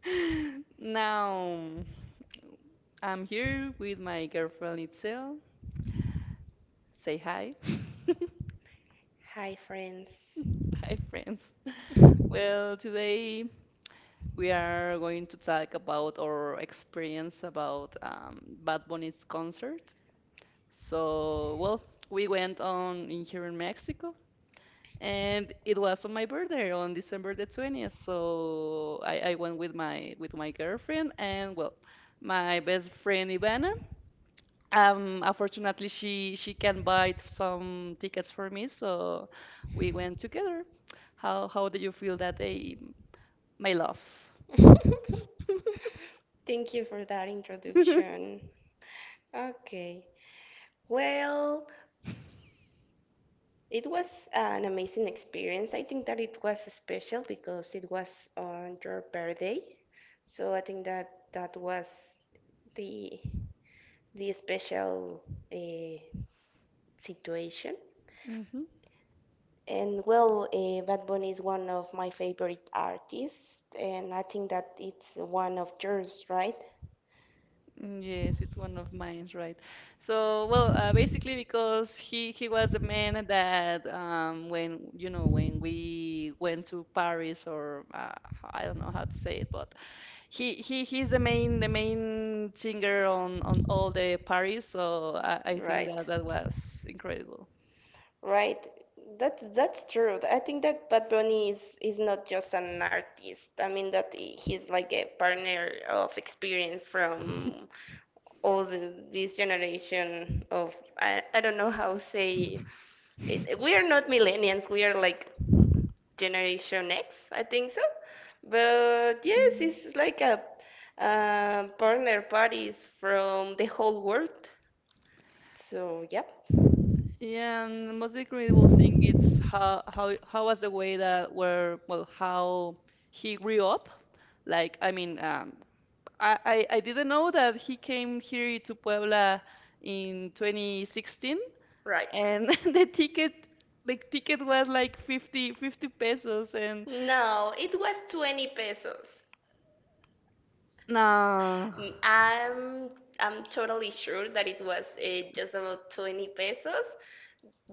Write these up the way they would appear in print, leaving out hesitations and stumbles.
Now I'm here with my girlfriend Itzel. Say hi. Hi, friends. Hi, friends. Well, today we are going to talk about our experience about Bad Bunny's concert. So, well, we went on in here in Mexico, and it was on my birthday on December the 20th. So I went with my girlfriend and well, my best friend Ivana. Unfortunately, she can buy some tickets for me, so we went together. How do you feel that day, my love? Thank you for that introduction. Okay. Well, it was an amazing experience. I think that it was special because it was on your birthday. So I think that that was the special uh, situation. hmm. And well, Bad Bunny is one of my favorite artists, and I think that it's one of yours, right? Yes, it's one of mine, right? So, well, basically because he was the man that when you know when we went to Paris or I don't know how to say it, but he's the main singer on all the parties, so I think Right. that that was incredible. Right. That's true. I think that Bad Bunny is not just an artist. I mean that he's like a partner of experience from all the, this generation of I don't know how say it. We are not millennials. We are like Generation X, I think so. But yes, Mhm. it's like a partner parties from the whole world. So yeah, Yeah, and the most incredible thing it's how how was the way that where well how he grew up. Like I mean, I didn't know that he came here to Puebla in 2016, right. and the ticket was like 50 50 pesos, and No, it was 20 pesos. no. Mm, I'm I'm totally sure that it was just about 20 pesos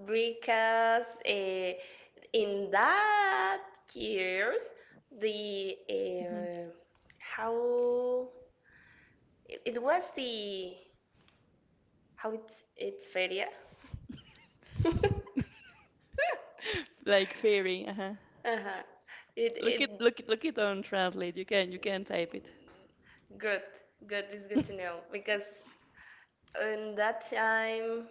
because in that year the uh, how it was the how it's feria. Like fairy. Uh-huh. Uh-huh. It Look it, it look it, look it on Translate. You can type it. mm, good good. It's good to know because in that time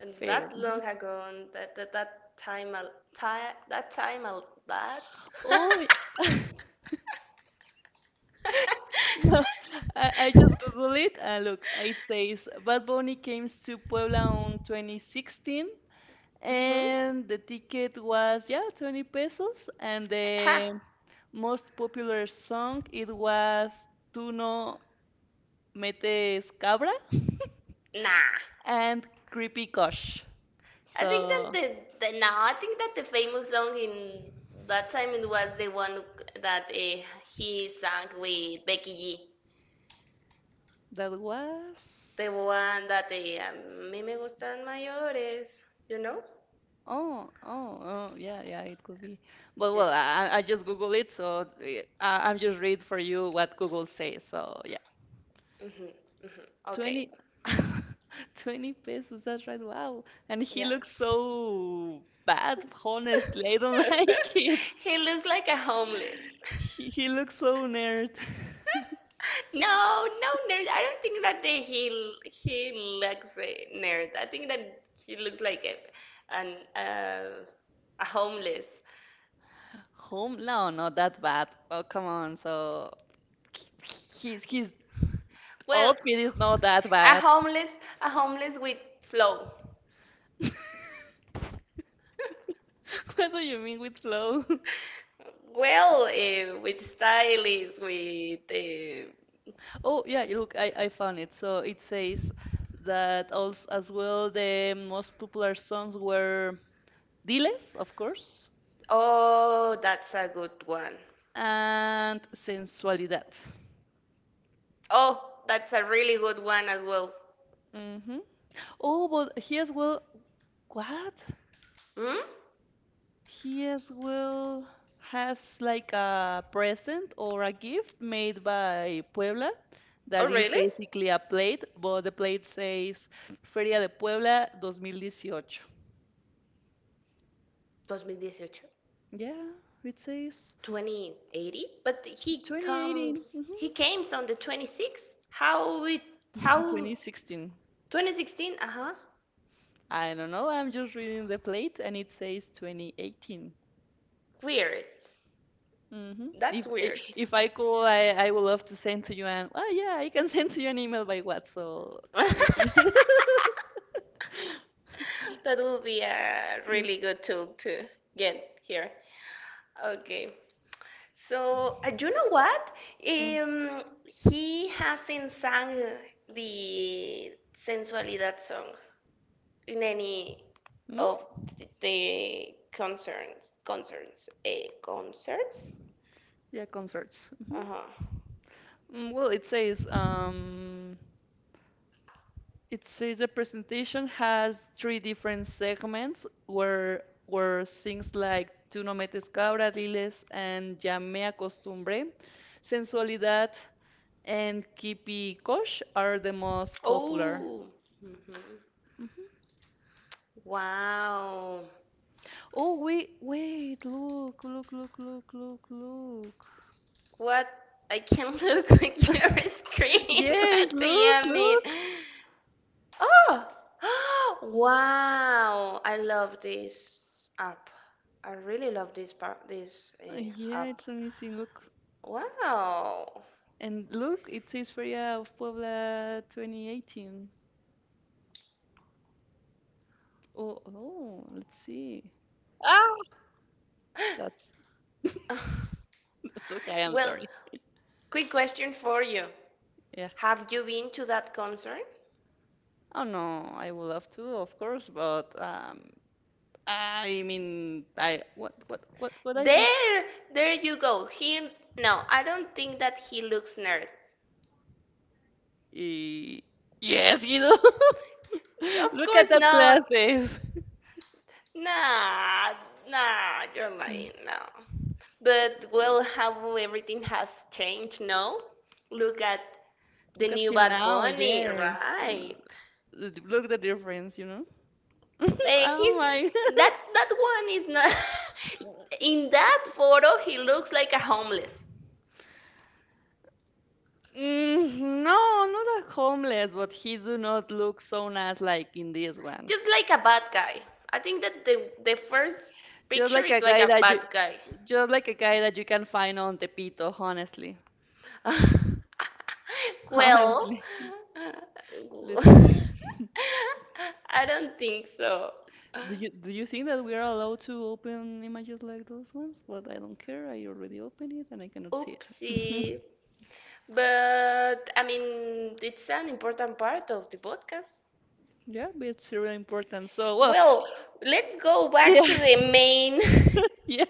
and Fair. that long Mhm. ago and that time a ti- that time a that Oh, no. I just Google it and look. It says Bad Bunny came to Puebla on 2016, hmm and the ticket was yeah 20 pesos, and huh the most popular song it was Tú no metes cabra nah and Creepy Kosh. I think that So the no I think that the famous song in that time it was the one that he sang with Becky G, that the was. one that a mí me gustan mayores, you know. Oh, oh, oh, yeah, yeah, it could be. But yeah well, I just Google it, so I'm just read for you what Google says. So yeah, hmm hmm okay. 20 20 pesos. That's right. Wow. And he yeah looks so bad. Honestly, I don't like it. he looks like a homeless. He looks so nerd. No, no nerd. I don't think that he looks a nerd. I think that he looks like a an a homeless. Home? No, not that bad. Oh, come on. So his Well, outfit is not that a bad. homeless, a homeless with flow. What do you mean with flow? Well, with stylist, with Oh, yeah, look, I found it. So it says that also as well the most popular songs were Diles, of course, oh, that's a good one. and Sensualidad. Oh, that's a really good one as well. Hmm. Oh, but he as well, what? Hmm? He as well has like a present or a gift made by Puebla Oh, that is really? basically a plate, but the plate says Feria de Puebla 2018. 2018. Yeah, it says 2080, but 2018, he mhm, came on the 26th. How it how 2016. 2016? Uh-huh. I don't know. I'm just reading the plate and it says 2018. Weird. Hmm. That's weird. If I call, I would love to send to you an. Oh yeah, I can send to you an email by what? So That you can will be a look. really good tool to get here. Okay. So, you know what? Mm, Um, he hasn't sang the Sensualidad song in any no? of the concerts. Yeah, concerts. Hmm. Uh-huh. Mm, well, it says the presentation has three different segments where things like Tú no metes cabra, diles, and Ya me acostumbré, Sensualidad, and Kipi Kosh are the most popular. Oh, mhm. Mhm. Wow. Oh, wait, wait, look, look, look, look, look, look. What? I can look at your screen. What Yes, do look, you mean? look. Oh. Wow, I love this app. I really love this Yeah, app. it's amazing. Look. Wow. And look, it says Feria of Puebla 2018. Oh, oh, let's see. Ah, that's that's okay. I'm Well, sorry. quick question for you. Yeah. Have you been to that concert? Oh no, I would love to, of course, but I mean, I what I have? There, there you go. No, I don't think that he looks nerd. Eh, yes, Guido. Of Look at course that not. glasses. Nah, nah, you're Mm, lying. No. But funny. well, how everything has changed, no? Look at the Look at new him Bad now. Bunny, Yes. Mm, right? Look the difference, you know. Like he's Oh my. That one is not in that photo. He looks like a homeless. Mm, no, not a homeless, but he do not look so nice like in this one. Just like a bad guy. I think that the first Just picture like is a like guy a that you, bad guy. just like a guy that you can find on Tepito, honestly. Well, Honestly. Let's see. I don't think so. Do you think that we are allowed to open images like those ones? But I don't care. I already opened it and I cannot see it. Oopsie. But I mean, it's an important part of the podcast. Yeah, but it's really important. So, well, Well, let's go back yeah, to the main. yeah.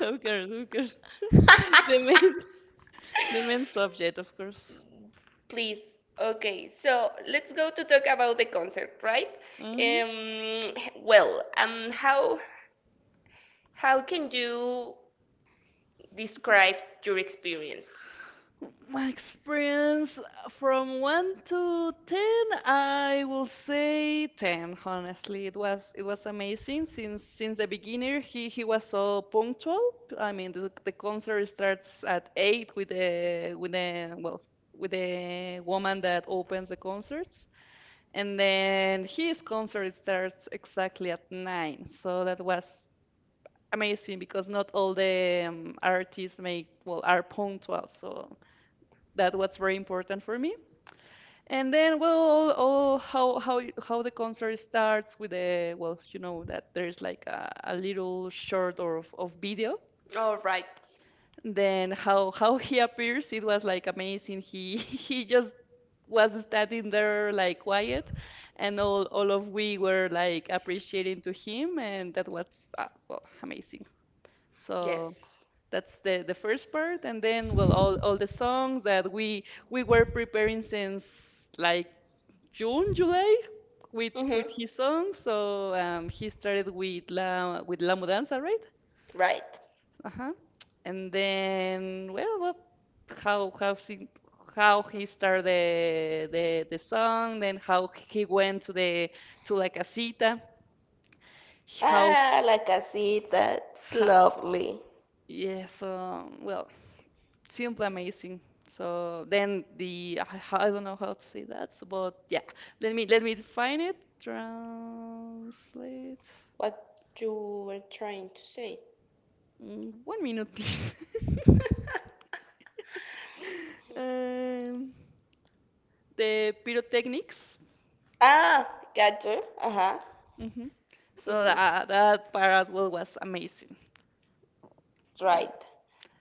Of course, of course. The main, the main subject, of course. Please. Okay, so let's go to talk about the concert, right? Hmm. Um, how can you describe your experience? My experience from 1 to 10, I will say 10, honestly. It was amazing since the beginner he was so punctual. I mean, the concert starts at 8 with the with the woman that opens the concerts, and then his concert starts exactly at 9. So that was amazing because not all the artists make well are punctual. So that was very important for me, and then well, oh, how the concert starts with the well, you know that there's like a little short of video, All right. then how he appears. It was like amazing. He he just was standing there like quiet, and all of we were like appreciating to him, and that was well amazing. So Yes. that's the first part, and then well, all the songs that we were preparing since like June, July with Mm-hmm. his songs. So he started with La Mudanza, right? Right. Uh-huh. And then well, well, how how he, how he started the song, then how he went to the to la casita, how Ah, la casita, it's ha, lovely. yeah. So well, simply amazing. So then the I don't know how to say that, so, but yeah, let me define it. Translate. What you were trying to say? Mm, 1 minute, please. um, the pyrotechnics. Ah, gotcha. Uh-huh. Hmm. So Hmm. that that part as well was amazing. Um, Right.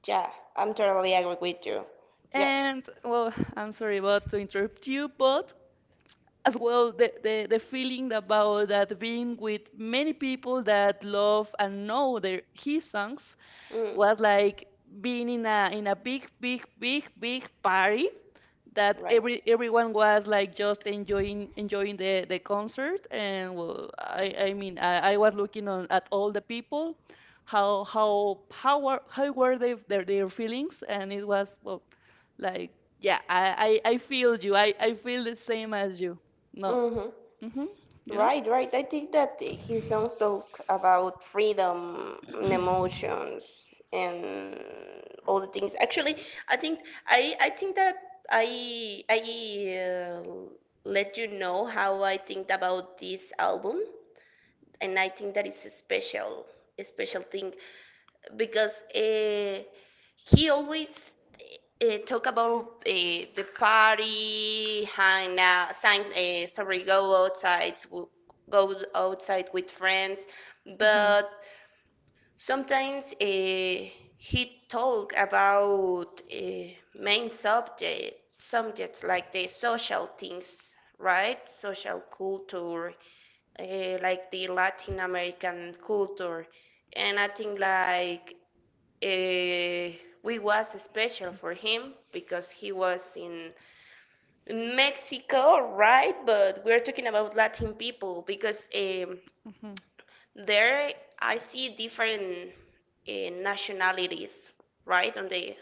Yeah, I'm totally agree with you. Yeah. and well, I'm sorry about to interrupt you, but as well the feeling about that being with many people that love and know their his songs Mm, was like being in a big party that right. Everyone was like just enjoying the concert, and well, I was looking on at all the people how were they, their feelings, and it was well like, yeah, I feel you. I feel the same as you, no. Mm-hmm. Mhm, you know. Right, right. I think that he songs talk about freedom and emotions and all the things. Actually, I think I think that I let you know how I think about this album, and I think that is a special thing, because he always talk about the party, hang out, sign, sorry, go outside with friends, Mhm, but sometimes he talk about main subjects like the social things, right? Social culture, like the Latin American culture, and I think like uh, we was special for him because he was in Mexico, right? But we're talking about Latin people because mhm, there I see different nationalities, right, on the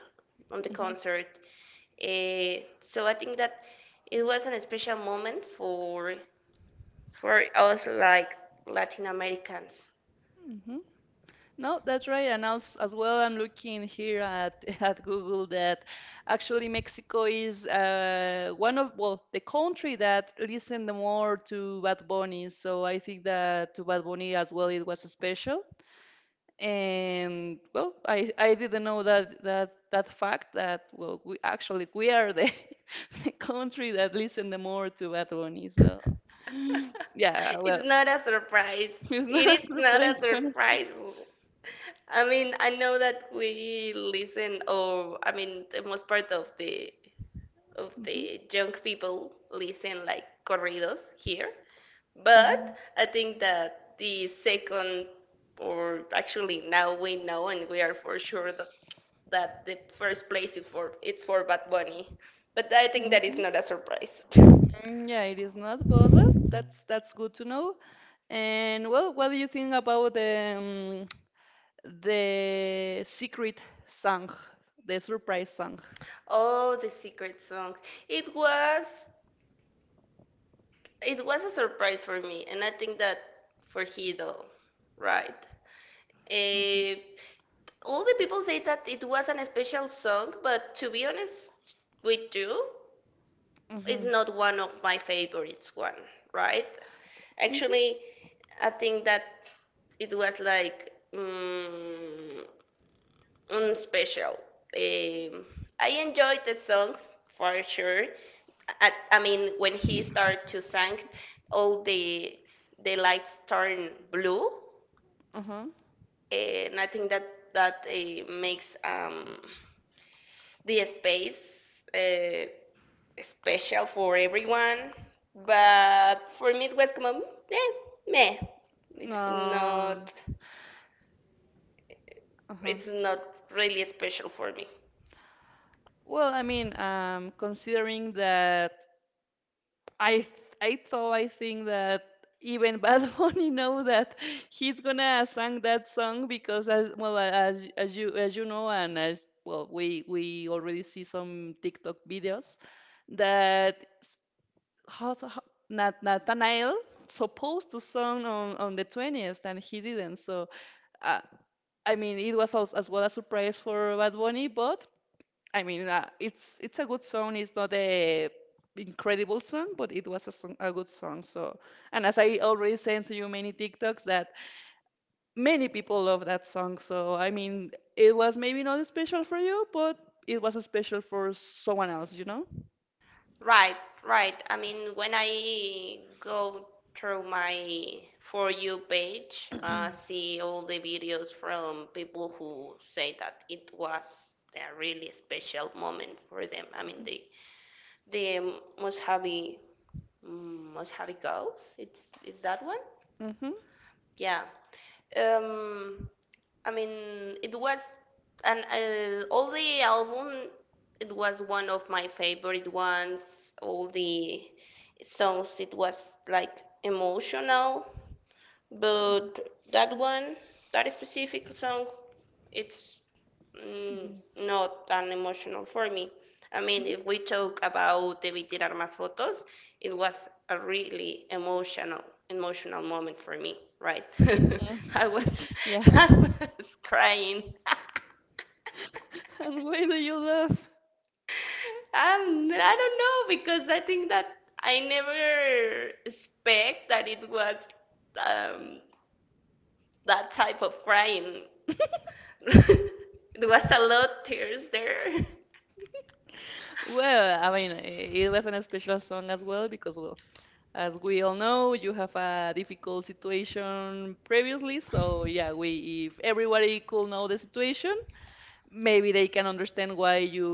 mhm, concert. So I think that it was an special moment for us like Latin Americans. mhm. No, that's right. And also, as well, I'm looking here at, at Google that actually Mexico is one of, well, the country that listened the more to Bad Bunny. So I think that to Bad Bunny as well, it was special. And well, I didn't know that fact that well, we actually we are the, the country that listened the more to Bad Bunny. So yeah, well, It's not a surprise. it's not It is a not a surprise, honestly. surprise. I mean, I know that we listen, or I mean, the most part of the Hmm, young people listen like corridos here, but hmm. I think that the second, or actually now we know and we are for sure that the first place is for it's for Bad Bunny, but I think that is not a surprise. Mm, yeah, it is not, but well, that's good to know. And well, what do you think about the secret song, the surprise song? Oh, the secret song. It was a surprise for me, and I think that for Hido, right? Eh, all the people say that it was an special song, but to be honest with you, it's Mm-hmm. not one of my favorites one, right? Mm-hmm. Actually, I think that it was like special. Um, I enjoyed the song for sure. I mean, when he started to sing, all the lights turn blue, Uh-huh. and I think that makes the space uh, special for everyone. But for me, it was como meh, meh. It's Uh, not. uh-huh. It's not really special for me. Well, I mean, considering that I I thought I think that even Bad Bunny know that he's gonna sing that song, because as well as as you know, and as well we already see some TikTok videos that how Nathanael supposed to song on the 20th and he didn't. So uh, I mean, it was also as well a surprise for Bad Bunny, but I mean, it's a good song. It's not a incredible song, but it was song, a good song. So, and as I already sent to you many TikToks, that many people love that song. So, I mean, it was maybe not special for you, but it was special for someone else, you know? Right, right. I mean, when I go through my For You page, see all the videos from people who say that it was a really special moment for them. I mean, the the Mojave, Mojave Coast. It's is that one? Mm-hmm. Yeah. Um, I mean, it was, and all the album, it was one of my favorite ones. All the songs, it was like emotional. Mhm, But that one, that specific song, it's mm, mhm, not that emotional for me. I mean, if mhm. we talk about Debí tirar más fotos, it was a really emotional, emotional moment for me, right? I was, Yeah, I was crying. and why do you love? I don't know because I think that I never expect that it was um, that type of crying. There was a lot of tears there. Well, I mean, it was an special song as well because, well, as we all know, you have a difficult situation previously, so yeah, we if everybody could know the situation, maybe they can understand why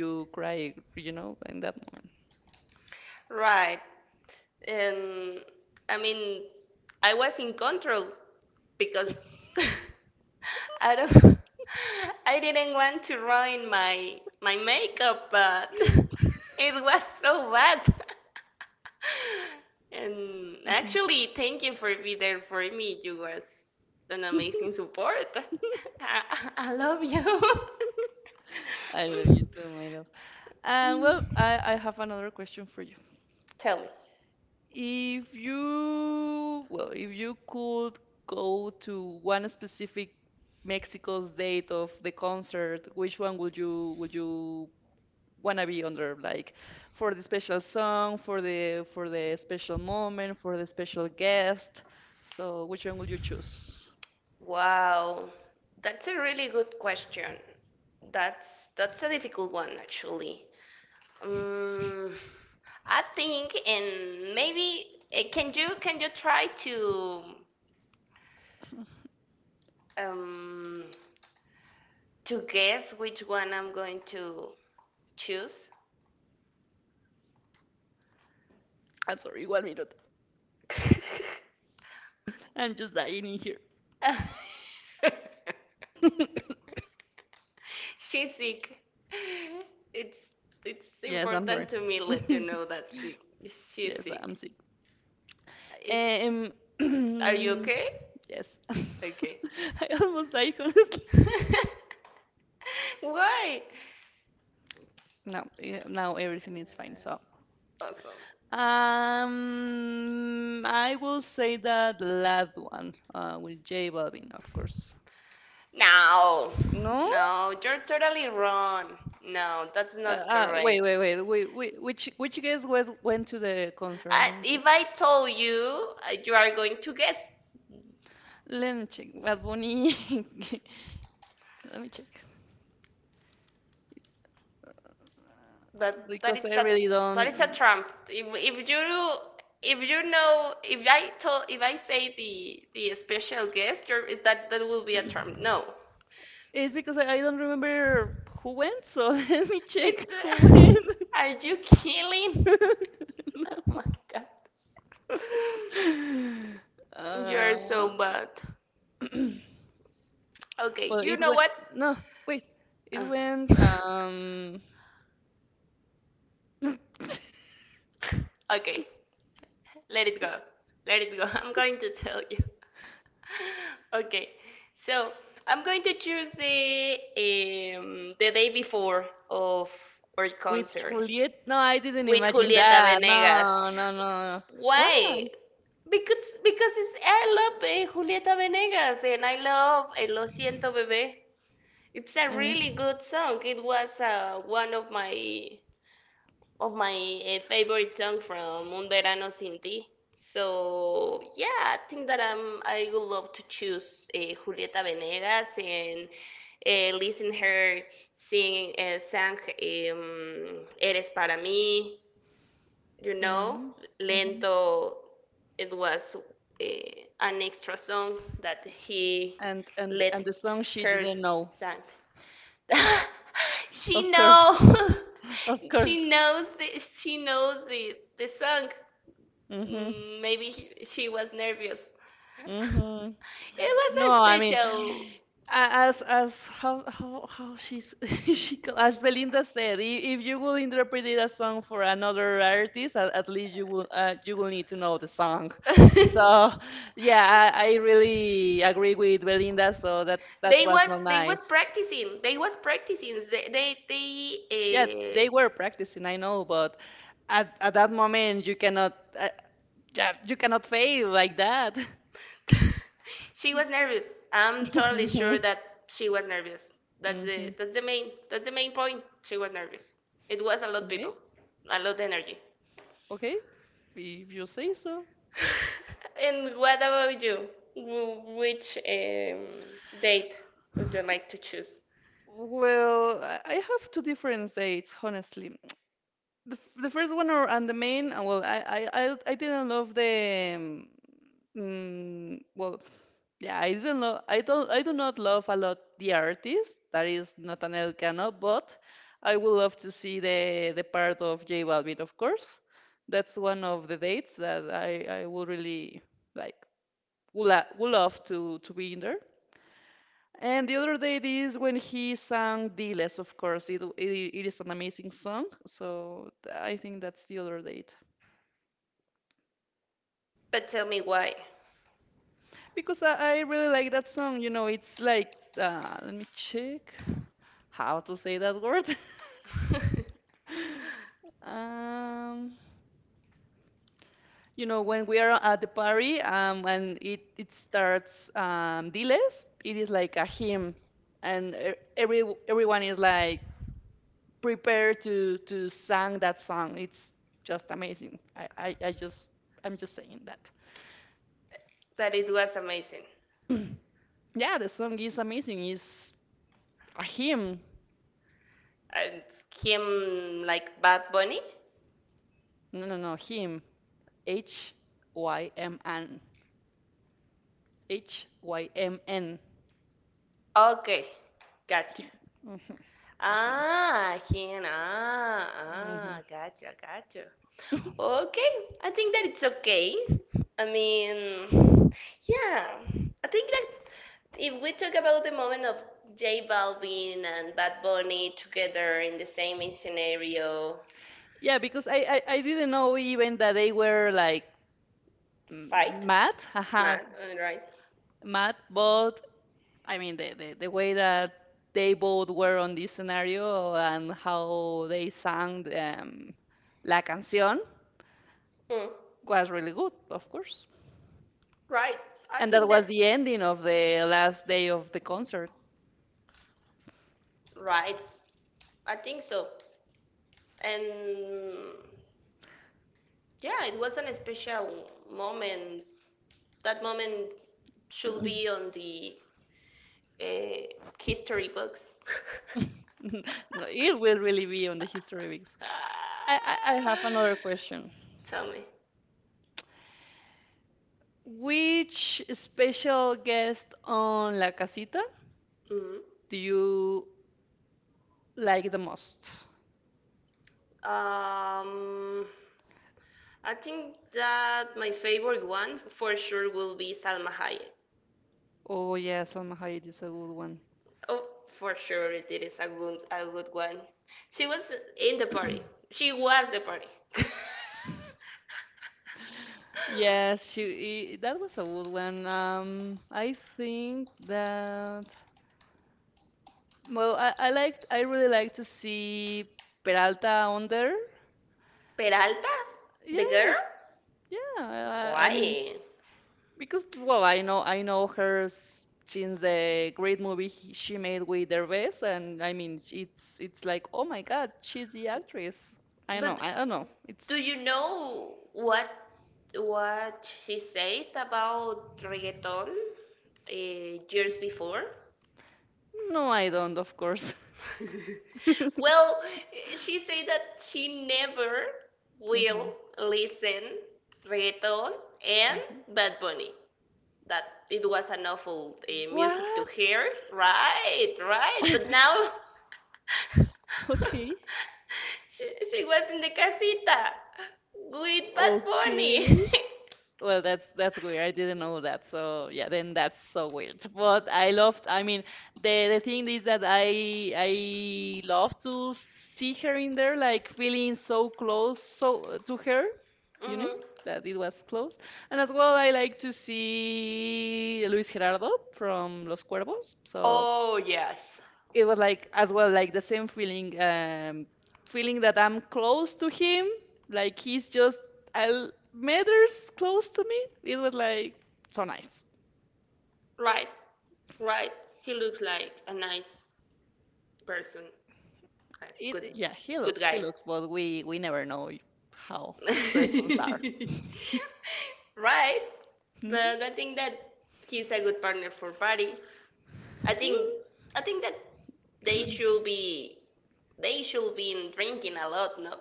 you cry, you know, in that moment. Right. Um, I mean, I was in control because I don't I didn't want to ruin my makeup, but it was so bad. And Mhm. actually, thank you for being there for me. You was an amazing support. I, I love you. I love you too, my love. And Mm, well, I have another question for you. tell me. If you, well, if you could go to one specific Mexico's date of the concert, which one would you wanna be under like for the special song for the special moment for the special guest, so which one would you choose? Wow, that's a really good question. That's a difficult one actually. Um, I think and maybe can you try um to guess which one I'm going to choose? I'm sorry, 1 minute. I'm just dying in here. She's sick. It's it's Yes, I'm sorry. important to me let you know that sick. She's Yes, I'm sick. sick. It's, Um. it's, are you okay? Yes, I Okay. almost died, honestly. Why? No, now everything is fine. So Awesome. um, I will say that the last one, uh, with J Balvin, of course. No, No. no, you're totally wrong. No, that's not Ah, wait, wait, correct. wait, wait, wait. Which guest was went to the concert? I, Let me check. if I told you, you are going to guess. Let me check. Bad Bunny. Let me check That because is I a really that is a don't. trump. If you know, if I told, if I say the special guest, you're, is that that will be a trump. No. It's because I don't remember who went. So let me check who It. went. Are you killing? Oh my god. You're Uh, so bad. Okay, well, you it know went. what? No, wait. It Oh. went Okay. Let it go. Let it go. I'm going to tell you. Okay. So I'm going to choose the day before of our with concert Juliet. No, I didn't with imagine Julieta that. Venegas. No, no, no. Why? Why? Because it's I love Julieta Venegas, and I love Lo Siento Bebé. It's a really good song. It was one of my favorite song from Un Verano Sin Ti. So yeah, I think that I would love to choose Julieta Venegas and listen her sing sang Eres para mí. You know, Mm, mhm. Lento. It was uh, an extra song that he And let the song she her didn't know. sang. She Of know. course. Of She course. knows it. She knows the song. Mm-hmm. Mm, maybe she was nervous. Mm-hmm. It was No, a I mean, special. as how she's, as Belinda said, if you will interpret it a song for another artist, at least you will, you will need to know the song. So yeah, I really agree with Belinda, so that was not they was nice. practicing they was practicing, Yeah, they they were practicing, I know, but at that moment you cannot, uh, yeah, you cannot fail like that. uh, she was nervous. I'm totally sure Hmm. that she was nervous. That's the main point. She was nervous. It was a lot Okay, people, a lot energy. okay, if you say so. And what about you? Which date would you like to choose? Well, I have two different dates, honestly. The first one or and the main, well, I didn't love the, well yeah, I didn't love I don't I do not love a lot the artist that is Nathaniel Cano, but I would love to see the part of J Balvin, of course. That's one of the dates that I would really like, would love to be in there. And the other day it is when he sang Diles, of course. It is an amazing song. So I think that's the other date. But tell me why. Because I really like that song. It's like, let me check how to say that word. Um, when we are at the party, and it starts, Diles, it is like a hymn. And every, everyone is like, prepare to sing that song. It's just amazing. I'm just saying that. That it was amazing. Yeah, the song is amazing. It's a hymn. And him like Bad Bunny? No, no, no, hymn. H Y M N. hymn. Okay, gotcha. Hymn. Mhm. A hymn. Ah, him. Ah, ah, Mhm. gotcha, gotcha. Okay, I think that it's okay. I mean, yeah, I think that if we talk about the moment of J Balvin and Bad Bunny together in the same scenario, Yeah, because I didn't know even that they were like, m- fight, mad, haha, mad, right? mad, but I mean, the way that they both were on this scenario and how they sang, La Canción, Mm. was really good, of course. Right, I And that think that, was the ending of the last day of the concert. right, I think so. And yeah, it was an special moment. That moment should be on the uh, history books. No, it will really be on the History Weeks. I have another question. Tell me. Which special guest on La Casita Mhm. do you like the most? Um, I think that my favorite one for sure will be Salma Hayek. Oh, yeah, Salma Hayek is a good one. Oh, for sure it is a good one. She was in the party. She was the party. Yes, that was a good one. I think that, well, I really like to see Peralta under. Peralta, the Yeah, girl. yeah. I mean, Why? because, well, I know her, since the great movie she made with Derbez, and I mean, it's like, oh my God, she's the actress. I know, But I don't know. do It's you know what she said about reggaeton years before? no, I don't, of course. Well, she said that she never will Mhm, listen reggaeton and mhm. Bad Bunny that it was an awful music to What? hear, right? Right, but now Okay. she, she was in the casita with Bad Okay. Bunny. Well, that's weird. I didn't know that. So yeah, then that's so weird. But I loved. I mean, the thing is that I love to see her in there, like feeling so close, so to her, you know, Hmm. that it was close. And as well, I like to see Luis Gerardo from Los Cuervos. So Oh yes, it was like as well, like the same feeling, feeling that I'm close to him, like he's just a meters close to me, it was like so nice. right, right. He looks like a nice person, a It good, Yeah, he good looks, guy. But we never know how persons are. Right, Mhm. but I think that he's a good partner for Patty. I think I think that they should be they should be drinking a lot, no?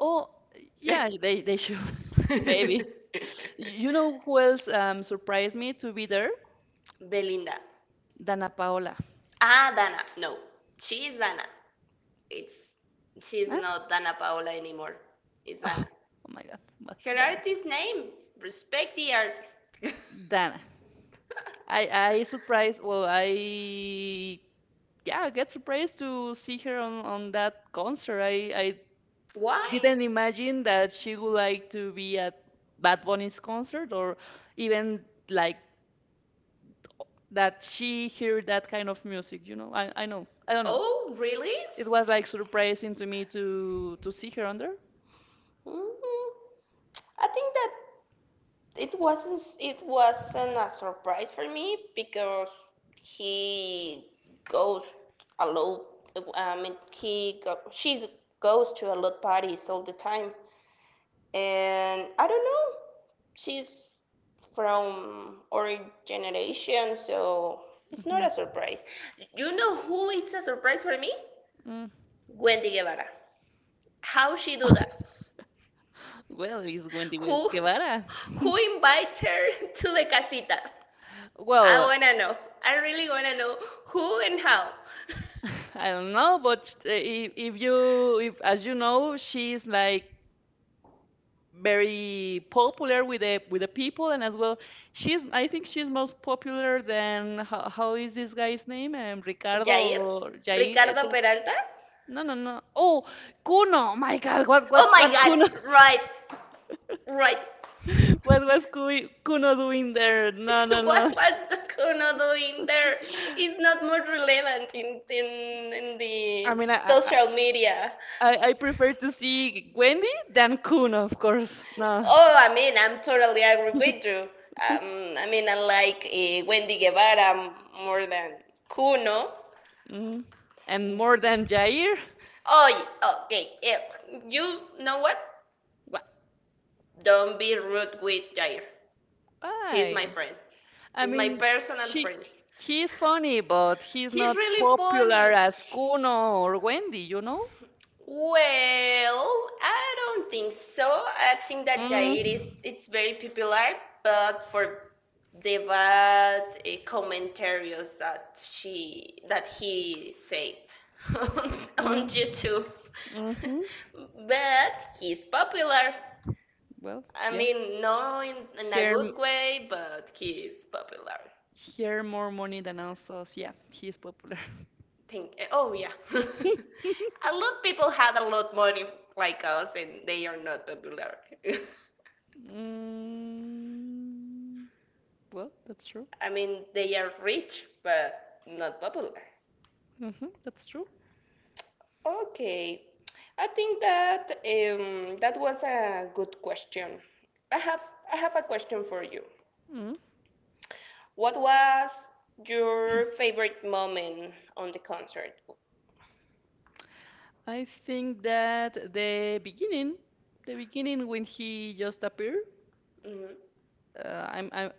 Oh, yeah, they should, maybe, you know who else, surprised me to be there. Belinda. Dana Paola. Ah, Dana. No, she is Dana. It's She's Huh? not Dana Paola anymore. It's oh, Dana. oh my God, well, Her dana artist name. Respect the artist. dana I I surprised. Well, I get surprised to see her on that concert. I Why? didn't imagine that she would like to be at Bad Bunny's concert, or even like that she hear that kind of music. You know, I know. I don't know. Oh, really? It was like surprising to me to see her on there. Mm, I think that it wasn't a surprise for me because he goes a lot. I mean, she goes to a lot parties all the time, and I don't know. She's from our generation, so it's Hmm. not a surprise. You know who is a surprise for me? Mm. Wendy Guevara. How she do that? Well, it's Wendy Gue- Who Guevara. who invites her to the casita? I Well, wanna know. I really wanna know who and how. I don't know, but if as you know, she's like very popular with the people, and as well, she's I think she's most popular than how is this guy's name, Jair? Ricardo Jair eh, Ricardo the- Peralta? No, no, no. Oh, Kuno, my God, what Oh what my what Kuno. god, right, right. What was Kuno doing there? No, no, What no. was Kuno doing there? It's not more relevant in I the mean, I I, social media. I I prefer to see Wendy than Kuno, of course, no. Oh, I mean, I'm totally agree with you. I mean, I like Wendy Guevara more than Kuno. Mm. And more than Jair. Oh, okay. Yeah. You know what? Wh- Don't be rude with Jair. He's my why? friend. I He's my mean, personal she friend. he's funny, but he's He's not really popular funny. as Kuno or Wendy, you know? Well, I don't think so. I think that Jair Mm, is it's very popular, but for the bad commentaries that she that he said on, on mm, YouTube. mm-hmm. But he's popular. Well, I yeah. mean, not in a Here, good way, but he's popular. here more money than us. Yeah, he's popular. Think, oh yeah, a lot of people had a lot of money like us, and they are not popular. Mm, well, that's true. I mean they are rich but not popular. Mm-hmm, that's true. Okay, I think that that was a good question. I have i have a question for you. Mm. What was your favorite moment on the concert? I think that the beginning, when he just appeared, Mhm. uh, I'm, I'm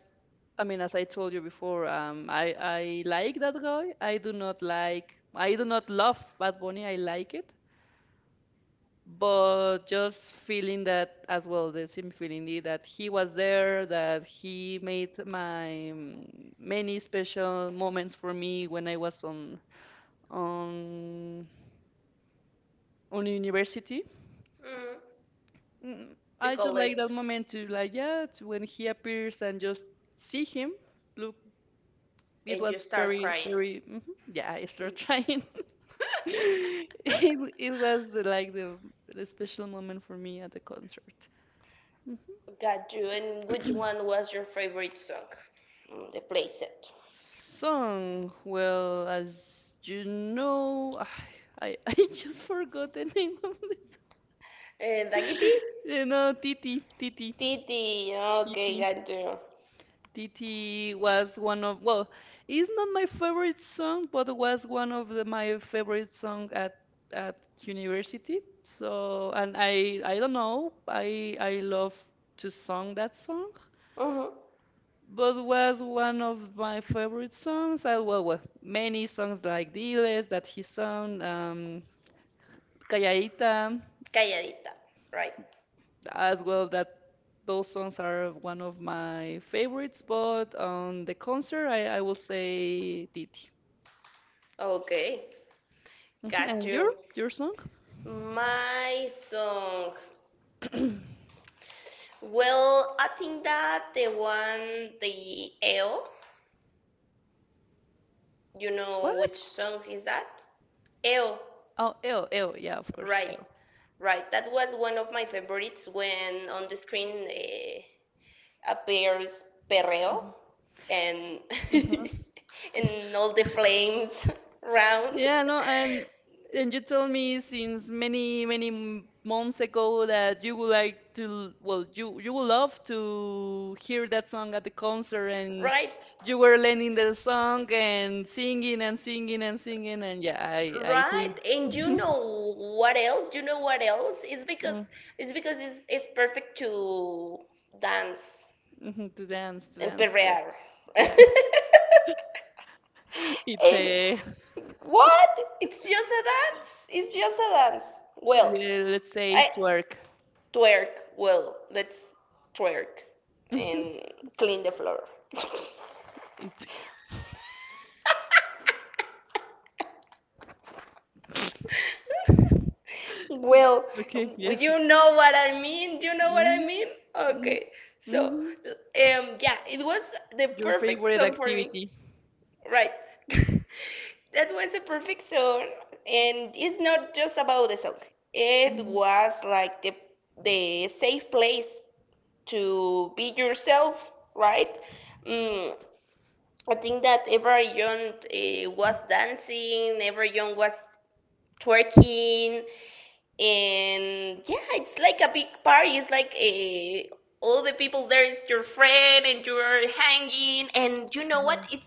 I mean, as I told you before, I like that guy. I do not love Bad Bunny. I like it, but just feeling that as well, the same feeling, that he was there, that he made my, many special moments for me when I was on, on university. Mm, Mm, the I just like that college. moment to, like, yeah, to when he appears and just see him. Look, it And you was start very, crying. very, mhm, yeah, I start trying. It was the special moment for me at the concert. Got you. And which Mhm. one was your favorite song from the playset? Song, well, as you know, I just forgot the name of this. Da kitty. You know, Titi, Titi, Titi. Okay, Titi. got you. Titi was one of, well, it's not my favorite song, but was one of my favorite song at university. So, and I don't know, I love to song that song. Mhm. But was one of my favorite songs. Well, many songs like Diles that he sung, Calladita Calladita. Right. as well. That those songs are one of my favorites. But on the concert, I will say Titi. Okay, Mhm. got And you. your song? My song. Well, I think that the EO, you know What? which song is that? EO, Oh, "El El," yeah, of course, right, "El." right. That was one of my favorites when on the screen appears Perreo and Mhm. and all the flames round. Yeah, no, and you told me since many, many, months ago that you would like well, you would love to hear that song at the concert, and Right, you were learning the song, and singing and singing and singing, and yeah, I right. think. And you know what else? You know what else? It's because Mm, it's because it's, it's perfect to dance mhm, to and dance, perrear. yes, yeah, it's And a, what? It's just a dance. It's just a dance. Well, let's say I it work. twerk. Well, let's twerk and clean the floor. Well, Okay, yes. you know what I mean. You know what I Mm, mean? mm, Okay. So, mhm. Yeah, it was the Your perfect favorite song for me. activity. Right. That was a perfect song, and it's not just about the song. It Mm-hmm. was like the safe place to be yourself, right? Mm, I think that everyone was dancing, everyone was twerking, and yeah, it's like a big party. It's like all the people there is your friend, and you're hanging, and you know what? Mhm. It's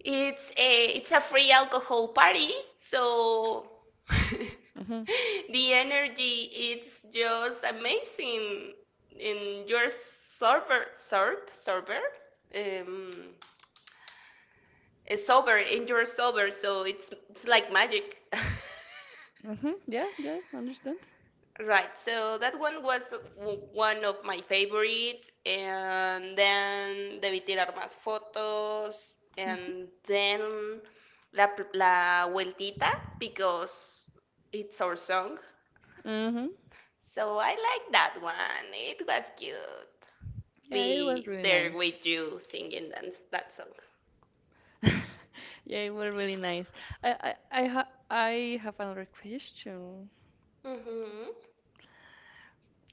it's a it's a free alcohol party, so Mhm. the energy it's just amazing. And you're sober, sober, sober, um, sober, and you're sober, so it's like magic. Mhm. Yeah, yeah, understand. Right, so that one was one of my favorites, and then Debí tirar más fotos, Mm-hmm. and then La Vueltita, because it's our song. Mm-hmm. So I like that one. It was cute. Yeah, it was Be really there nice. with you singing that song. Yeah, it was really nice. I have another question. Mm-hmm.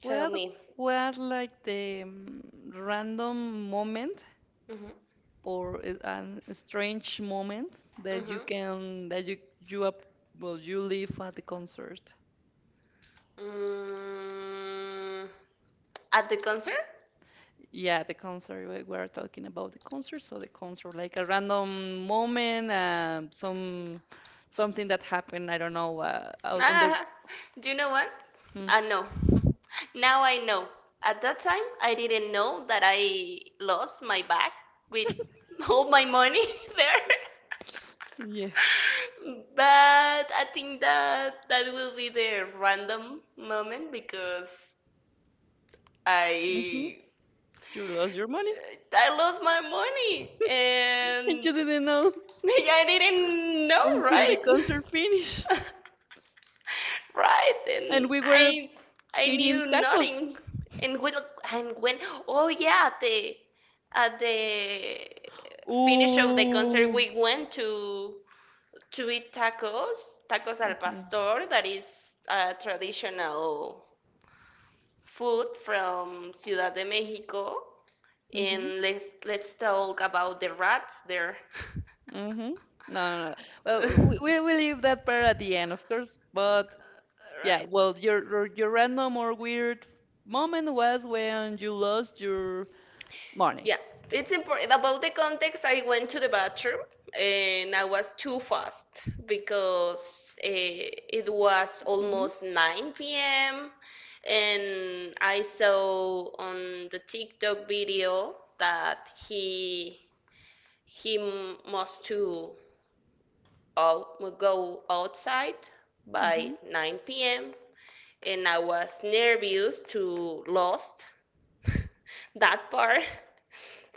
Tell me. was like the, random moment, Mm-hmm. or an strange moment that you Mm-hmm. can that you up well you live at the concert? Mm, at the concert? Yeah, the concert. We were talking about the concert, so the concert, like a random moment, something that happened. I don't know. Out on the Ah, do you know what? mm, I know. Now I know. At that time, I didn't know that I lost my bag with all my money there. Yeah, But I think that that will be the random moment because hmm, I you lost your money. I lost my money You and didn't know, I didn't know, until the concert finished, right? Right, and and we were I I eating knew nothing. tacos. And when, and when, oh yeah, at the finish of the concert Ooh. we went to eat tacos, tacos al Mm-hmm. pastor, that is a traditional food from Ciudad de Mexico. And let's talk about the rats there. Mm-hmm. No, no, no. Well, we will leave that part at the end, of course. But, yeah, Right. well, your random or weird moment was when you lost your money. Yeah, it's important. About the context, I went to the bathroom and I was too fast because it was Mhm. almost 9 p.m. and I saw on the TikTok video that he must to go outside by 9 p.m. and I was nervous to lost that part.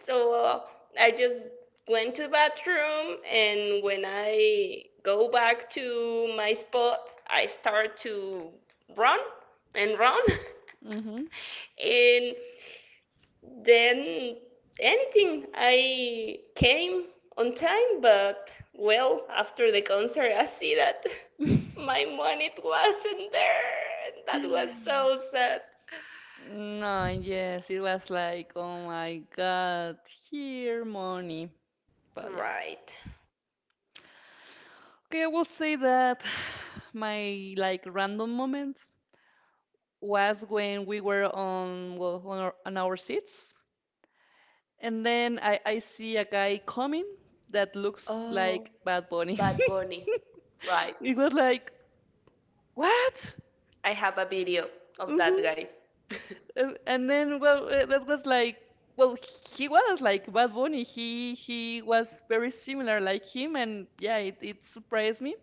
So I just went to bathroom, and when I go back to my spot, I start to run and run Mhm. and then anything, I came on time, but well, after the concert, I see that Mhm. my money wasn't there. And that was so sad. No, yes, it was like, oh my God, here money. But yeah. Right. Okay, I will say that my, like, random moment was when we were on, well, on our seats, and then I see a guy coming that looks Oh, like Bad Bunny. Bad Bunny. Right. It was like, what? I have a video of that Mm-hmm. guy. And then, well, that was like, well, he was like Bad Bunny. He was very similar like him, and yeah, it surprised me.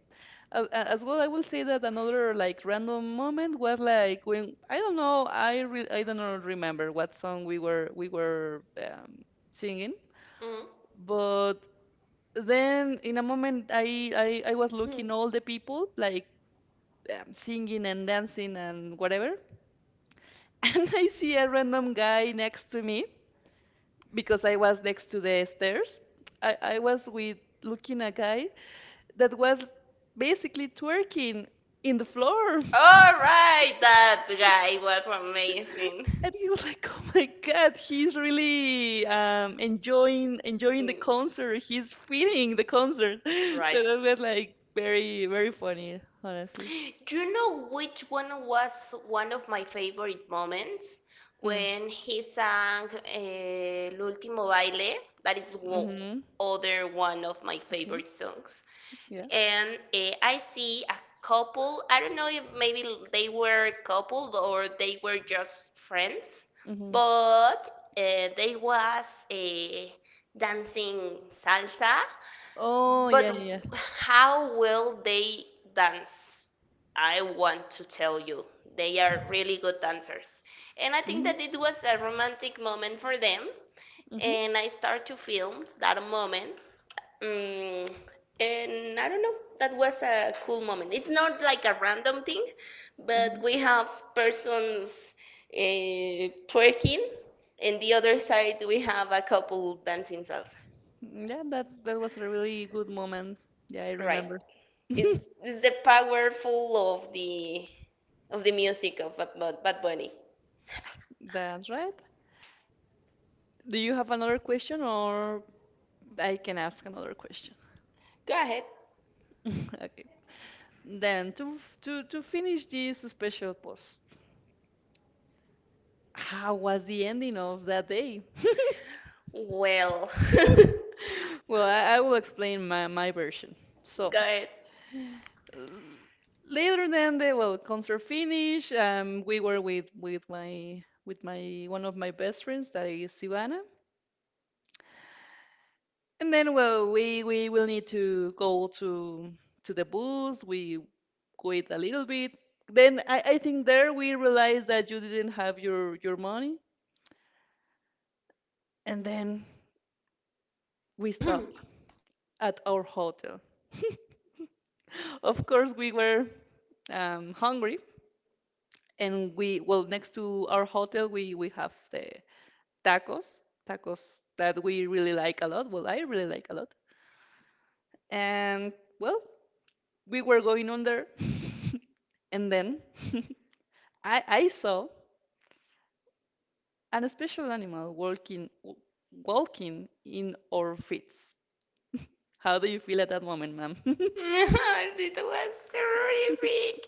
As well, I will say that another, like, random moment was like when, I don't know, I don't know, remember what song we were singing, Mm. but then in a moment, I was Hmm. looking all the people like, singing and dancing and whatever. And I see a random guy next to me because I was next to the stairs. I was with, looking a guy that was basically twerking in the floor, All right, that guy was amazing. and he was like, "Oh my God, he's really, enjoying enjoying the Mm, concert. He's feeling the concert." So right. that was like very, very funny, honestly. Do you know which one was one of my favorite moments? Mm. When he sang L'ultimo baile, that is Mm-hmm. other one of my Okay. favorite songs. Yeah. And I see a couple, I don't know if maybe they were coupled or they were just friends, Mm-hmm. but they was eh, dancing salsa, Oh, but yeah, yeah, how will they dance? I want to tell you. They are really good dancers. And I yeah. think Mm-hmm. that it was a romantic moment for them. Mm-hmm. And I start to film that moment. Mm, and I don't know, that was a cool moment. It's not like a random thing, Mm-hmm. but we have persons uh, twerking, and the other side we have a couple dancing salsa. Mm, yeah, that was a really good moment. Yeah, I Right. remember. It's, it's the powerful of the music of Bad, Bad, Bad Bunny. That's right. Do you have another question, or I can ask another question? Go ahead. Okay. Then to f- to finish this special post, how was the ending of that day? Well, Well, I will explain my version. So go ahead. l- later than the concert finish, we were with, with my one of my best friends, that is Ivana. And then, well, we will need to go to the booth. We wait a little bit. Then I think there we realized that you didn't have your money, and then we stop at our hotel. Of course, we were hungry, and we well next to our hotel we have the tacos, tacos that we really like a lot. Well, I really like a lot, and well, we were going on there, and then. I saw an special animal walking in our feet. How do you feel at that moment, ma'am? It was terrific.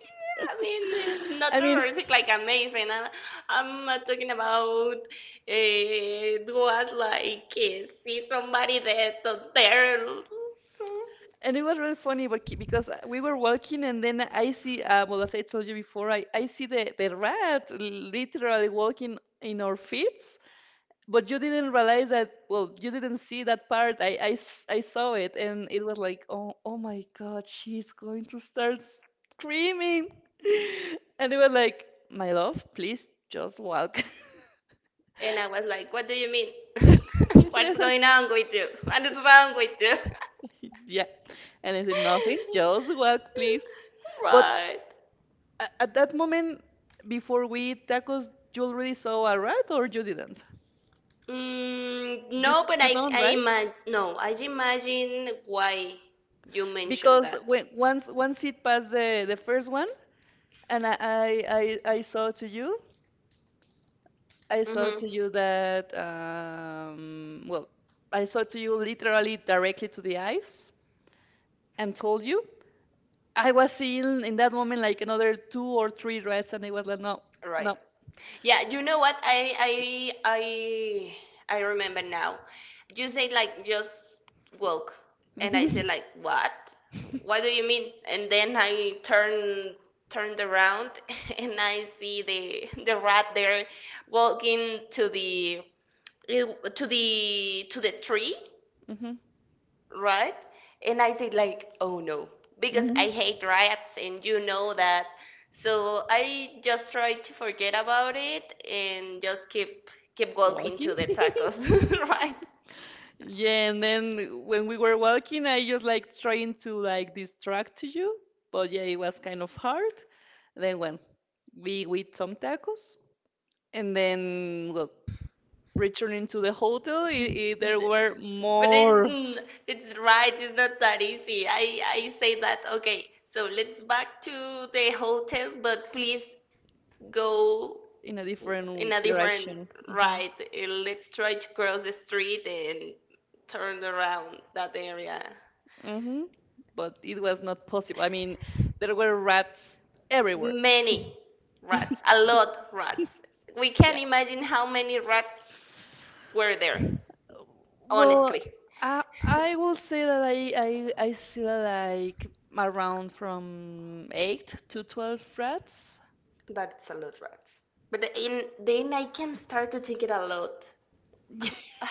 I mean, not I mean, terrific, like amazing. I'm talking about it was like see somebody dead on there. and it was really funny but because we were walking, and then I see, well, as I told you before, I see the rat literally walking in our feet. But you didn't realize that, well, you didn't see that part. I saw it, and it was like, oh my god, she's going to start screaming. And it was like, my love, please just walk. And I was like, what do you mean? And I What's was- going on with you? What is wrong with you? yeah. And I said, nothing, just walk please. But Right. at that moment, before we eat tacos, you already saw a rat, or you didn't? You No, but you I, don't, I right? imagine, no, I imagine why you mentioned Because that. when once it passed the first one. And I saw to you, I saw Mm-hmm. to you that, well, I saw to you literally directly to the eyes and told you. I was seeing in that moment like another two or three rats, and I was like, no, Right. no. Yeah, you know what? I remember now. You say like just walk, and I say Hmm. like what? What do you mean? And then I turn turned around and I see the rat there, walking to the it- to the tree, Hmm. right? And I said like, oh no, because I Hmm. hate rats, and you know that. So I just tried to forget about it and just keep walking Walking. to the tacos, right? Yeah, and then when we were walking, I just like trying to like distract you, but yeah, it was kind of hard. Then when we eat some tacos, and then well, returning to the hotel, I there were But more it's right, it's not that easy. I say that okay. So let's back to the hotel, but please go in a in different a different direction. Hmm. ride. Let's try to cross the street and turn around that area. Hmm. But it was not possible. I mean, there were rats everywhere. Many rats, a lot rats. We can't Yeah. imagine how many rats were there, honestly. Well, I will say that I see like around from 8 to 12 rats. That's a lot rats. But then I can start to think it a lot. a a,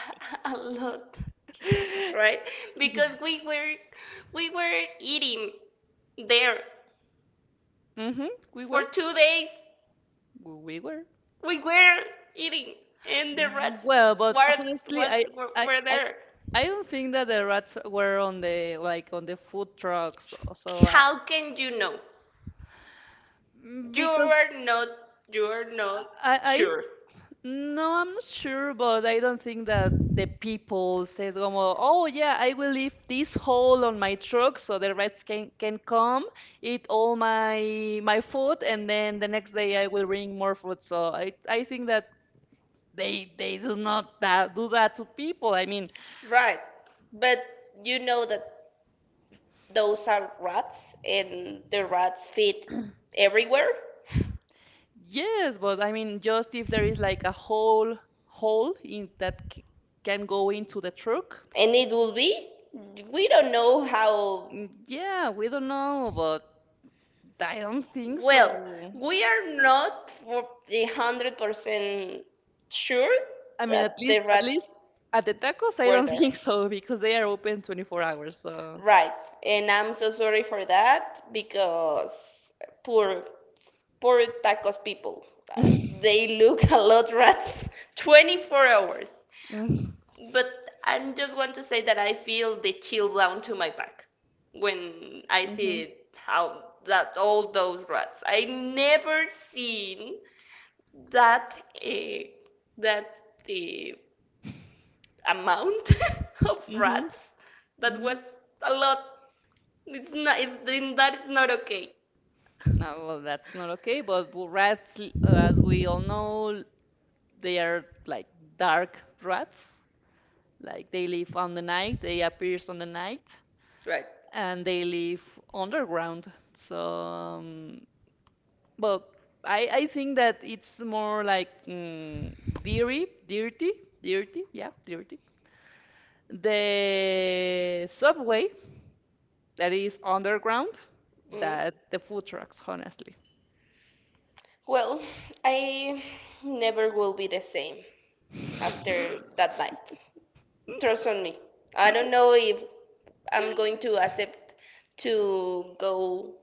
a lot right, because we were Yes. we were eating there. Mm-hmm. We were. For 2 days We were. we were eating, and the rats Well, but were, honestly, were, I were I there. I don't think that the rats were on the, like, on the food trucks. So How can you know? You are because not you are not I sure. no, I'm not sure, but I don't think that the people said, como, "Oh yeah, I will leave this hole on my truck so the rats can come eat all my food, and then the next day I will bring more food." So I think that they do not that, do that to people. I mean, Right. But you know that those are rats and the rats feed everywhere? yes, but I mean, just if there is like a whole hole in that can go into the truck. And it will be? We don't know how. Mm, yeah, we don't know, but I don't think Well, so. we are not for 100% sure I mean, at that the least at rats least at the tacos, I were don't there. think so because they are open 24 hours. So. Right. And I'm so sorry for that because poor, poor tacos people, uh, they look a lot rats 24 hours. Mm-hmm. But I am just want to say that I feel the chill down to my back when I Hmm. see how that all those rats. I never seen that uh, that the amount of rats that Hmm. was a lot. It's not. It's, then that is not okay. No, well, that's not okay. But rats, as we all know, they are like dark rats. Like they live on the night, they appears on the night. Right. And they live underground. So, but I think that it's more like dirty, dirty, dirty, yeah, dirty. The subway, that is underground, Mm. that the food trucks, honestly. Well, I never will be the same after that night. Trust on me. I don't know if I'm going to accept to go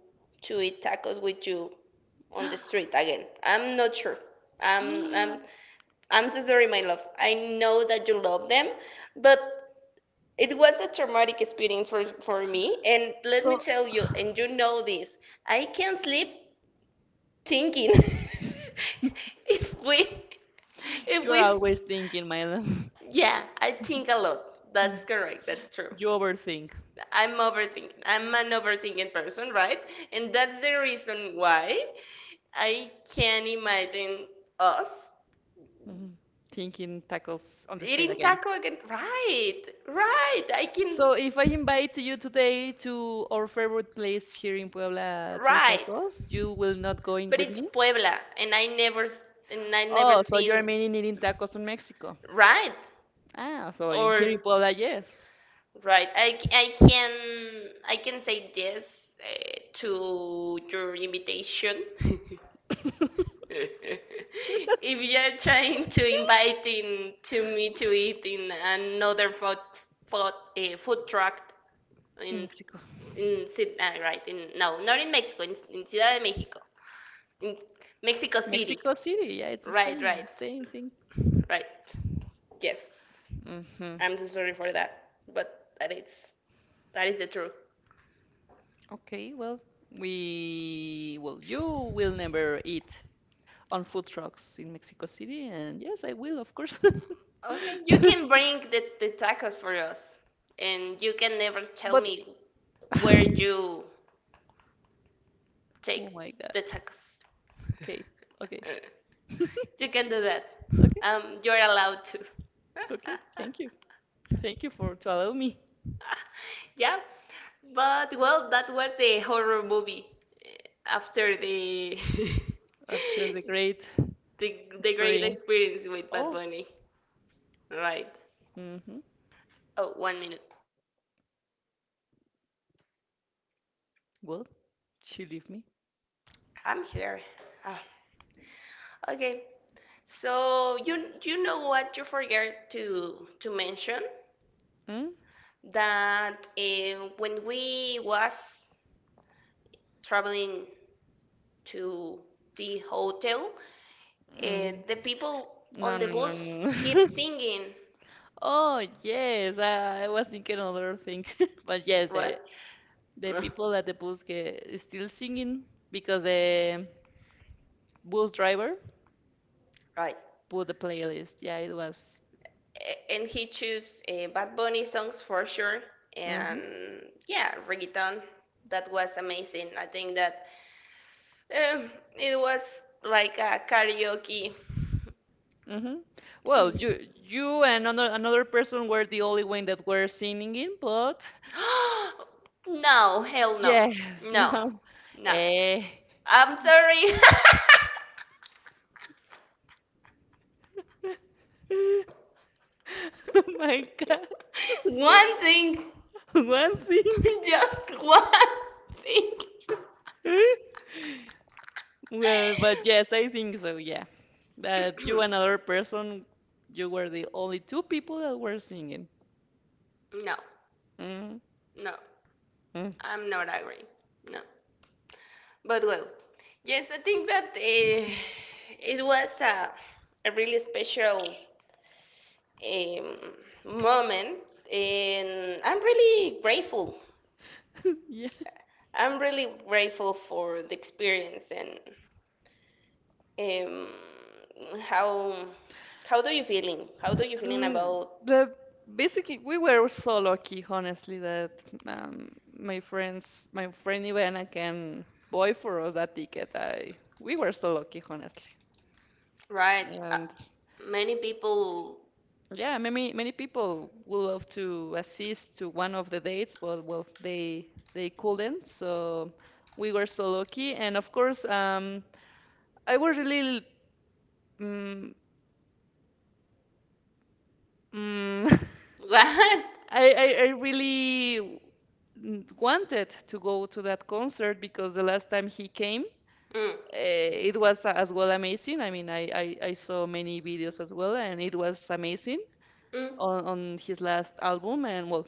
to eat tacos with you on the street again. I'm not sure. I'm I'm I'm so sorry, my love. I know that you love them, but it was a traumatic experience for me, and let me So tell you, and you know this, I can't sleep thinking if we, if you're we, always thinking, Myla. yeah, I think a lot. That's correct. That's true. You overthink. I'm overthinking. I'm an overthinking person, right? And that's the reason why I can't imagine us Mhm. Thinking tacos on the street eating again. taco again. Right, right. I can, So if I invite you today to our favorite place here in Puebla to eat right. tacos, you will not go in But with it's me? Puebla, and I never Oh, so you're seen meaning eating tacos in Mexico. right Ah, so here in or Puebla, yes. right. I can say yes to your invitation. If you're trying to invite in to me to eat in another food, food truck in Mexico. in right in, no, not in Mexico, in Ciudad de Mexico, in Mexico City. Mexico City, yeah, it's the right same, right thing. Right. Yes. Hmm. I'm so sorry for that, but that is the truth. Okay, well, well, you will never eat on food trucks in Mexico City, and yes, I will, of course. Okay, you can bring the tacos for us, and you can never tell But, me where you take oh my God. the tacos. Okay, okay. You can do that. Okay, You're allowed to. okay. Thank you. Thank you for to allow me Yeah, but well, that was the horror movie, eh, after the after the great the, the great experience experience. with Bad Oh, Bunny. Right. mm-hmm. Oh, one minute. Well, she leave me. I'm here. Ah, okay. So you know what you forget to mention Mm? that, when we was traveling to the hotel, Mm. the people No, on the no, no, bus no. keep singing. Oh, yes, I was thinking another thing. But yes, What? the people at the bus get is still singing because the bus driver Right. put the playlist. Yeah, it was. And he chose Bad Bunny songs for sure. Mm-hmm. And yeah, reggaeton. That was amazing. I think that, Um, it was like a karaoke. Mm-hmm. Well, Mm. you and another person were the only one that were singing in, but No, hell no. yes, No, no. no. Eh. I'm sorry. Oh my God. One thing. One thing. Just one thing. Well, but yes, I think so, yeah. That you and another person, you were the only two people that were singing. No, Mm-hmm. no. I'm not agree. No. But well, yes, I think that, it was a really special, um, moment, and I'm really grateful. Yeah. I'm really grateful for the experience, and um, how how do you feeling? How do you feeling Mm, about, the basically we were so lucky, honestly, that um, my friend Ivana can buy for us that ticket. I We were so lucky, honestly. right? And Many people. yeah, many people would love to assist to one of the dates, but well, they couldn't. So we were so lucky. And of course, I was really mm, mm, What? I really wanted to go to that concert because the last time he came, Mm, it was as well amazing. I mean, I saw many videos as well, and it was amazing mm, on his last album. And well,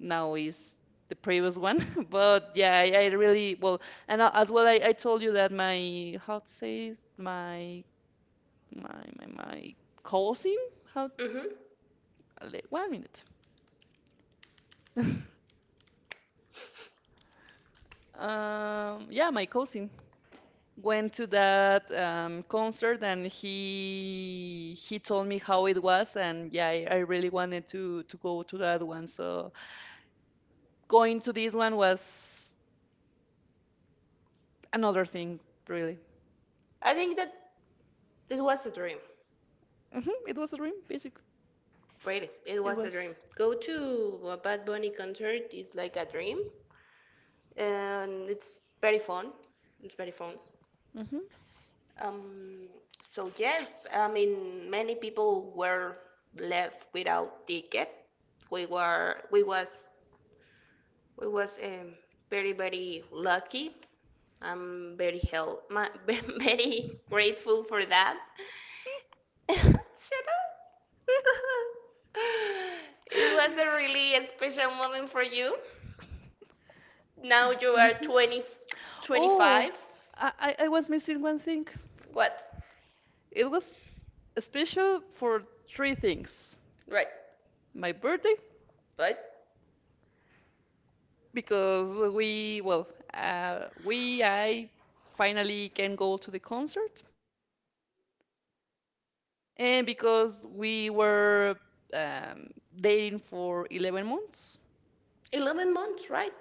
now is the previous one. But yeah, I really, well, and as well, I told you that my, how to say this, my cousin, how, mm-hmm. One minute. Yeah, my cousin. Went to that concert, and he told me how it was. And yeah, I really wanted to go to that one. So going to this one was another thing really. I think that it was a dream. Hmm. It was a dream basically. Really, it It was a dream. was. Go to a Bad Bunny concert is like a dream, and it's very fun. It's very fun. Hmm. Um, so yes, I mean many people were left without ticket. We was we was very very lucky. I'm very hell my, very grateful for that. Shut up. It was a really special moment for you. Now you are Mhm. 20, Oh, 25. I I was missing one thing. What? It was special for three things. Right. My birthday, Right. because I finally can go to the concert, and because we were um, dating for 11 months. 11 months, right?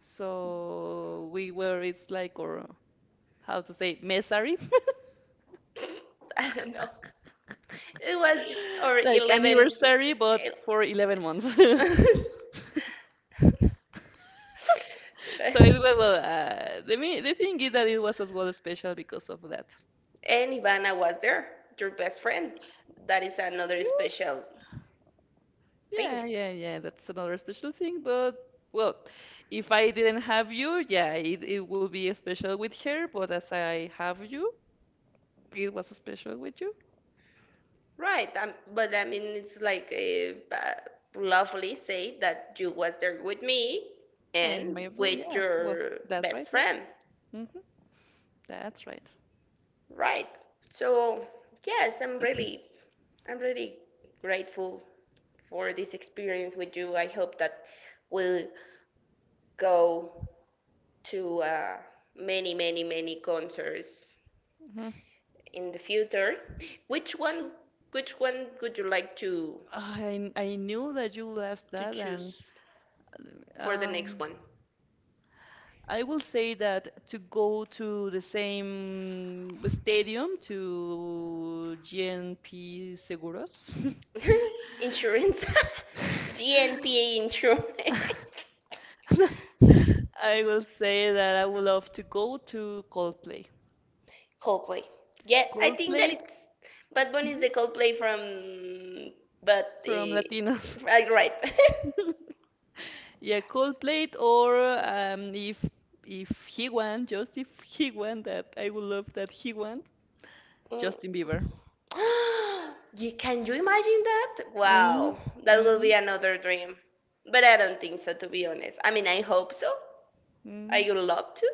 So we were, it's like, or how to say, mesari, I don't know. It was our like 11th. anniversary, but for 11 months. So it was, well, the thing is that it was as well special because of that. And Ivana was there, your best friend. That is another special thing. Yeah, yeah, yeah. That's another special thing. But well, if I didn't have you, yeah, it would be special with her. But as I have you, it was special with you Right, but I mean, it's like a, lovely say that you was there with me and and my friend. with Yeah, well, your that's right. best Yeah. friend. Hmm. That's right. Right. So yes, I'm really grateful for this experience with you. I hope that we'll go to, many, many, many concerts Hmm. in the future. Which one? Which one would you like to I knew that you would ask to that, and choose for the next um, one? I will say that to go to the same stadium to GNP Seguros. Insurance, GNPA insurance. I will say that I would love to go to Coldplay. Coldplay. Yeah, I think that Coldplay. it's, Bad Bunny is the Mhm. Coldplay from, but From Latinos. Right, right. Yeah, Coldplay, or if he won, just if he won that, I would love that he won, Justin Bieber. Mm. Ye- can you imagine that? Mm. Wow, that Mm. will be another dream. But I don't think so, to be honest. I mean, I hope so. I Mm. would love to,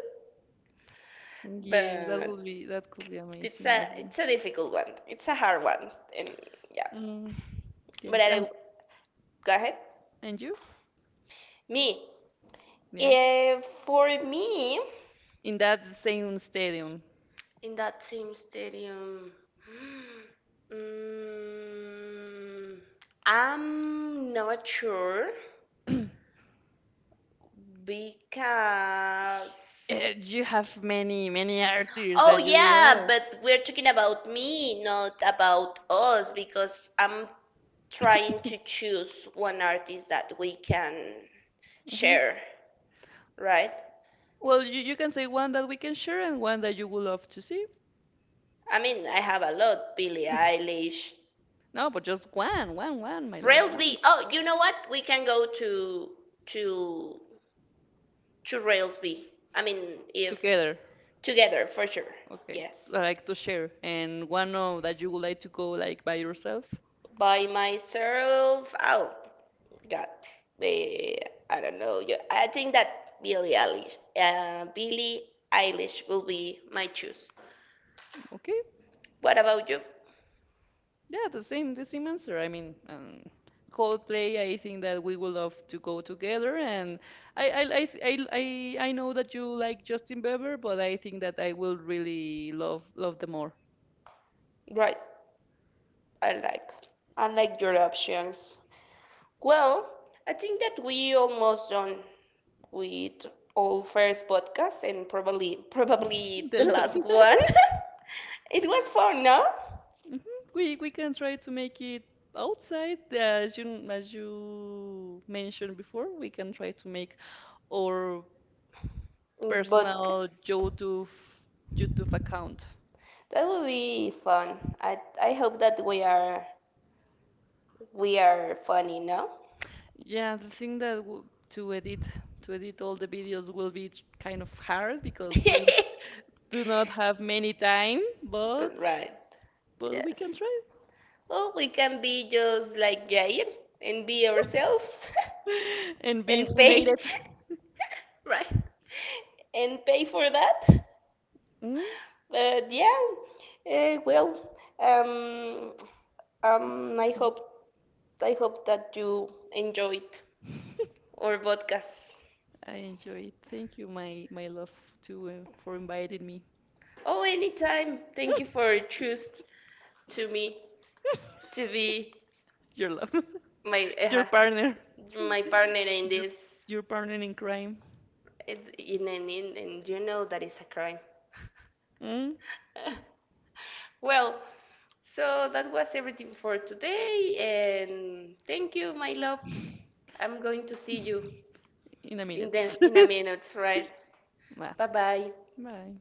Yeah, but that could be it's amazing a, as well. it's a difficult one. It's a hard one, and yeah. Mm, But yes, I, and go ahead. You? Me, Yeah, Eh, for me, in that same stadium, in that same stadium. Mm, I'm not sure. Because. You have many artists Oh, that you yeah, love. but we're talking about me, not about us, because I'm trying to choose one artist that we can share, right? Well, you can say one that we can share and one that you would love to see. I mean, I have a lot, Billie Eilish, No, but just one, one, one, my love, one. Railsby. Oh, you know what? We can go to to Railsby. I mean, if Together. together for sure. Okay. Yes. Like, to share. And one of that you would like to go like by yourself. By myself. Oh. God, eh, I don't know. Yeah, I think that Billie Eilish, Billie Eilish will be my choice. Okay. What about you? Yeah, the same answer. I mean, Coldplay, I think that we would love to go together. And I th- I know that you like Justin Bieber, but I think that I will really love them more. Right, I like, I like your options. Well, I think that we almost done with all first podcasts and probably, probably The the less. last one. It was fun, no? Mhm. We can try to make it outside, as you mentioned before. We can try to make our Podcast. personal YouTube account. That would be fun. I hope that we are, we are funny, no? Yeah, the thing that w to edit to edit all the videos will be kind of hard because we do not have many time, but Right. We Yes. can try Well, we can be just like Jair and be ourselves and be and pay. funated. Right. And pay for that. Mm? But yeah. Well, um, I hope, I hope that you enjoyed our podcast. I enjoy it. Thank you, my love, too, for inviting me. Oh, anytime. Thank you for choose to me to be Your love. my Your partner, my partner in your, this, your partner in crime. it, in an in, and you know that is a crime. Mm? Well, so that was everything for today, and thank you, my love. I'm going to see you In a minute. In a minute, right? Bye. Bye bye. Bye.